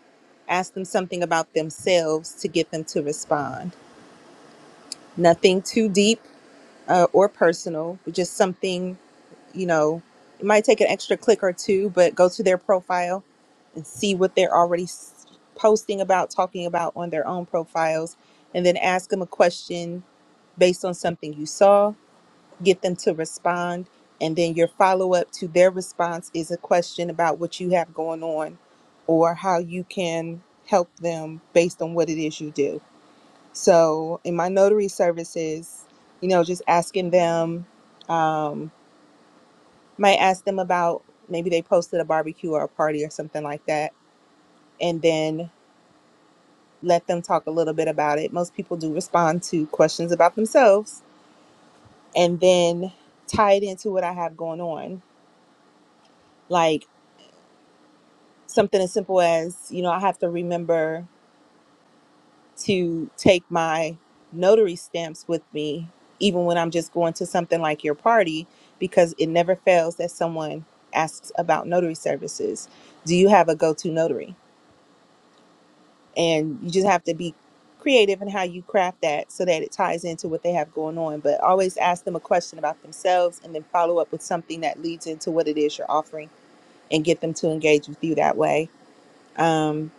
ask them something about themselves to get them to respond. Nothing too deep uh, or personal, but just something, you know, it might take an extra click or two, but go to their profile and see what they're already s- posting about, talking about on their own profiles, and then ask them a question based on something you saw get them to respond. And then your follow up to their response is a question about what you have going on or how you can help them based on what it is you do. So, in my notary services, you know, just asking them, um, might ask them about maybe they posted a barbecue or a party or something like that, and then let them talk a little bit about it. Most people do respond to questions about themselves and then tie it into what I have going on. Like, something as simple as you know i have to remember to take my notary stamps with me even when i'm just going to something like your party because it never fails that someone asks about notary services do you have a go-to notary and you just have to be creative in how you craft that so that it ties into what they have going on but always ask them a question about themselves and then follow up with something that leads into what it is you're offering and get them to engage with you that way um,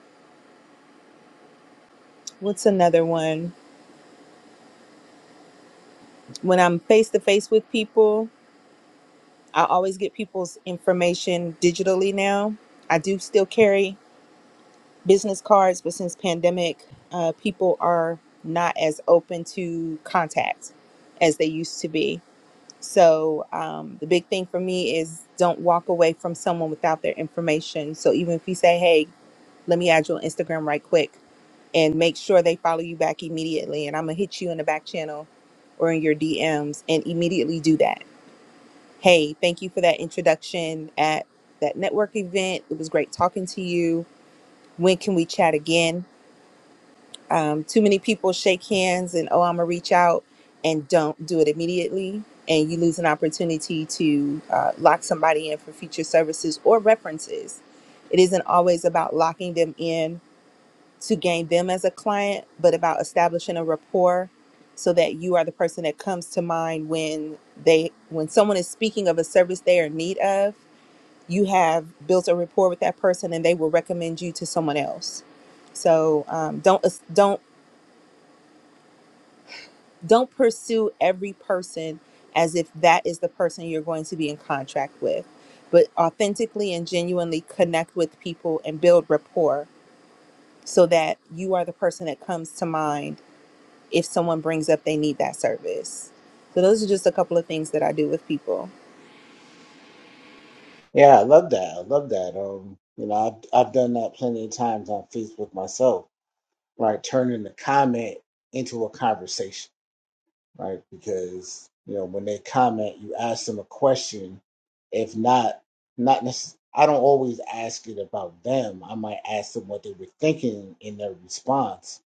what's another one When I'm face to face with people, I always get people's information digitally now. I do still carry business cards, but since pandemic, uh, people are not as open to contact as they used to be. So um, the big thing for me is don't walk away from someone without their information. So even if you say, "Hey, let me add you on Instagram right quick," and make sure they follow you back immediately, and I'm gonna hit you in the back channel or in your DMs, and immediately do that Hey, thank you for that introduction at that network event. It was great talking to you. When can we chat again? Um, too many people shake hands and, oh, I'm going to reach out and don't do it immediately. And you lose an opportunity to uh, lock somebody in for future services or references. It isn't always about locking them in to gain them as a client, but about establishing a rapport so that you are the person that comes to mind when they when someone is speaking of a service they are in need of you have built a rapport with that person and they will recommend you to someone else so um, don't don't don't pursue every person as if that is the person you're going to be in contract with but authentically and genuinely connect with people and build rapport so that you are the person that comes to mind if someone brings up they need that service so those are just a couple of things that i do with people Yeah, I love that. I love that. Um, you know, I've I've done that plenty of times on Facebook myself, right? Turning the comment into a conversation, right? Because, you know, when they comment, you ask them a question. If not, not necessarily, I don't always ask it about them. I might ask them what they were thinking in their response,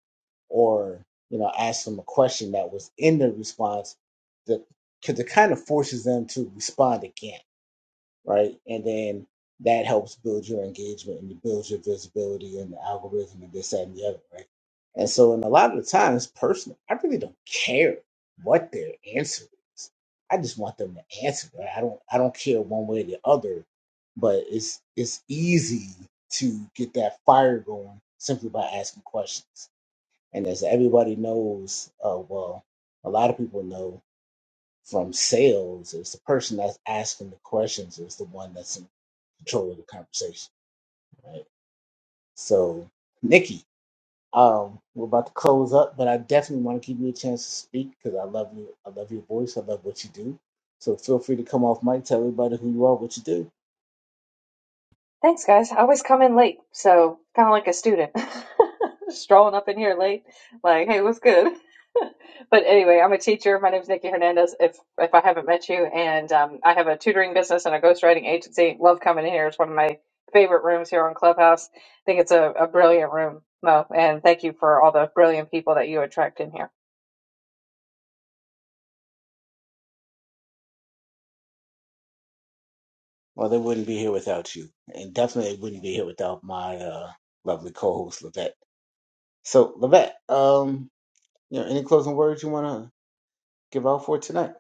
or, you know, ask them a question that was in their response that because it kind of forces them to respond again right? And then that helps build your engagement and build your visibility and the algorithm and this that, and the other, right? And so, in a lot of the times, personally, I really don't care what their answer is. I just want them to answer. Right? I don't. I don't care one way or the other. But it's it's easy to get that fire going simply by asking questions. And as everybody knows, uh, well, a lot of people know from sales is the person that's asking the questions is the one that's in control of the conversation, right? So, Nikki, um, we're about to close up, but I definitely want to give you a chance to speak because I love you. I love your voice. I love what you do. So feel free to come off mic, tell everybody who you are, what you do. Thanks, guys. I always come in late, so kind of like a student. Strolling up in here late, like, hey, what's good? But anyway, I'm a teacher. My name is Nikki Hernandez, if if I haven't met you, and um, I have a tutoring business and a ghostwriting agency. Love coming in here. It's one of my favorite rooms here on Clubhouse. I think it's a, a brilliant room, Mo, and thank you for all the brilliant people that you attract in here. Well, they wouldn't be here without you, and definitely wouldn't be here without my uh, lovely co-host Levette. So, Levette, um, you know, any closing words you want to give out for tonight?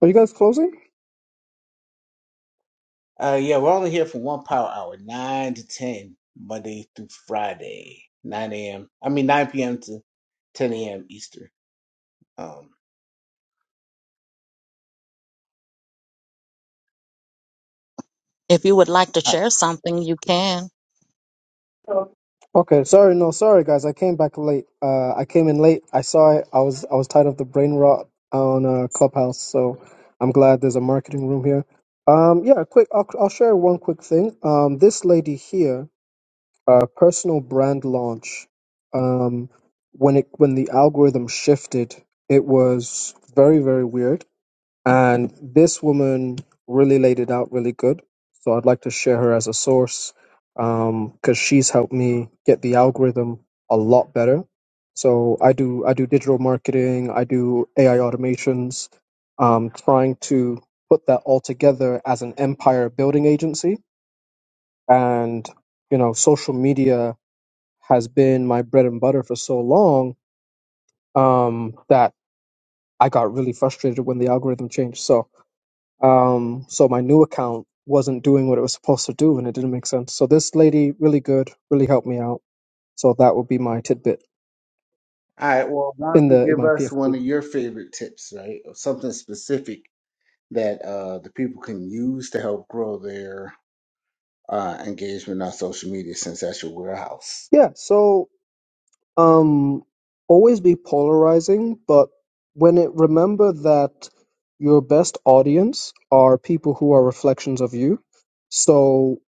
Are you guys closing? Uh, yeah, we're only here for one power hour, nine to ten, Monday through Friday, nine a.m. I mean nine p.m. to ten a.m. Eastern. Um, If you would like to share something, you can. No. Okay, sorry, no, sorry guys, I came back late. Uh, I came in late. I saw it. I was I was tired of the brain rot on uh, Clubhouse, so I'm glad there's a marketing room here. Um, yeah, quick. I'll I'll share one quick thing. Um, this lady here, uh, personal brand launch. Um, when it when the algorithm shifted, it was very very weird. And this woman really laid it out really good. So I'd like to share her as a source because she's helped me get the algorithm a lot better. So I do I do digital marketing, I do AI automations, um, trying to put that all together as an empire building agency. And you know, social media has been my bread and butter for so long um, that I got really frustrated when the algorithm changed. So Um, so my new account wasn't doing what it was supposed to do, and it didn't make sense. So this lady, really good, really helped me out. So that would be my tidbit all right. Well, why don't in you the in give my us one PFP. of your favorite tips, right, or something specific that uh the people can use to help grow their uh engagement on social media, since that's your warehouse. Yeah. So um, always be polarizing, but when it remember that your best audience are people who are reflections of you. So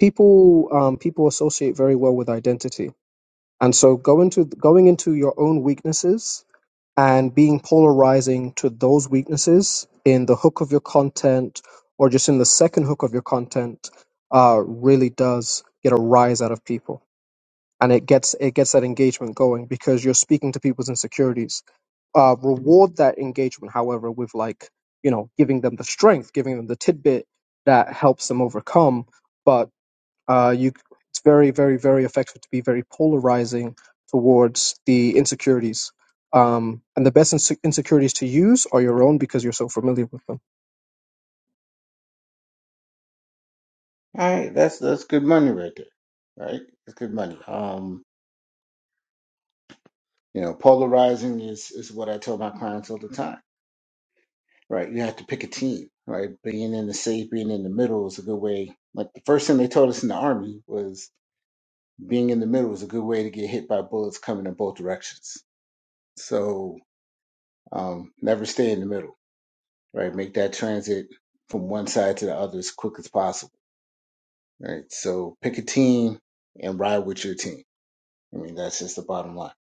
people um, people associate very well with identity, and so go into going into your own weaknesses and being polarizing to those weaknesses in the hook of your content or just in the second hook of your content uh, really does get a rise out of people and it gets it gets that engagement going because you're speaking to people's insecurities uh, reward that engagement however with like you know giving them the strength giving them the tidbit that helps them overcome but uh, you it's very very very effective to be very polarizing towards the insecurities um, and the best inse- insecurities to use are your own because you're so familiar with them All right, that's that's good money right there. Right, that's good money. Um, you know, polarizing is is what I tell my clients all the time right? You have to pick a team, right? Being in the safe, being in the middle is a good way. Like the first thing they told us in the army was being in the middle is a good way to get hit by bullets coming in both directions. So um, never stay in the middle, right? Make that transit from one side to the other as quick as possible, right? So pick a team and ride with your team. I mean, that's just the bottom line,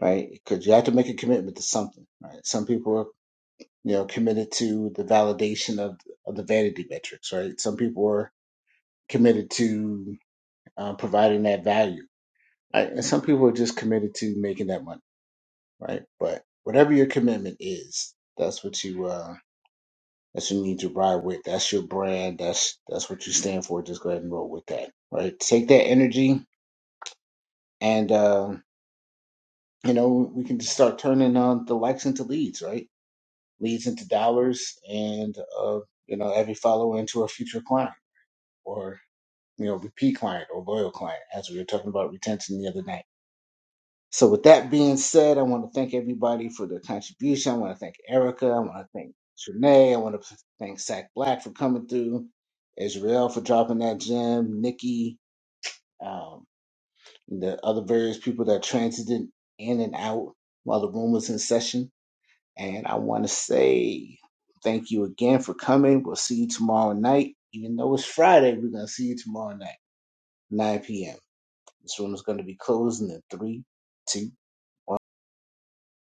right? Because you have to make a commitment to something, right? Some people are, you know, committed to the validation of, of the vanity metrics, right? Some people are committed to uh, providing that value, right? And some people are just committed to making that money, right? But whatever your commitment is, that's what you uh, that's what you need to ride with. That's your brand. That's that's what you stand for. Just go ahead and roll with that, right? Take that energy, and uh, you know we can just start turning on the likes into leads, right? Leads into dollars, and uh, you know every follower into a future client or you know repeat client or loyal client, as we were talking about retention the other night So, with that being said, I want to thank everybody for their contribution. I want to thank Erica. I want to thank Trinae. I want to thank Sack Black for coming through, Israel for dropping that gem, Nikki, um, the other various people that transited in and out while the room was in session. And I want to say thank you again for coming. We'll see you tomorrow night. Even though it's Friday, we're going to see you tomorrow night, 9 p.m. This room is going to be closing in three, two.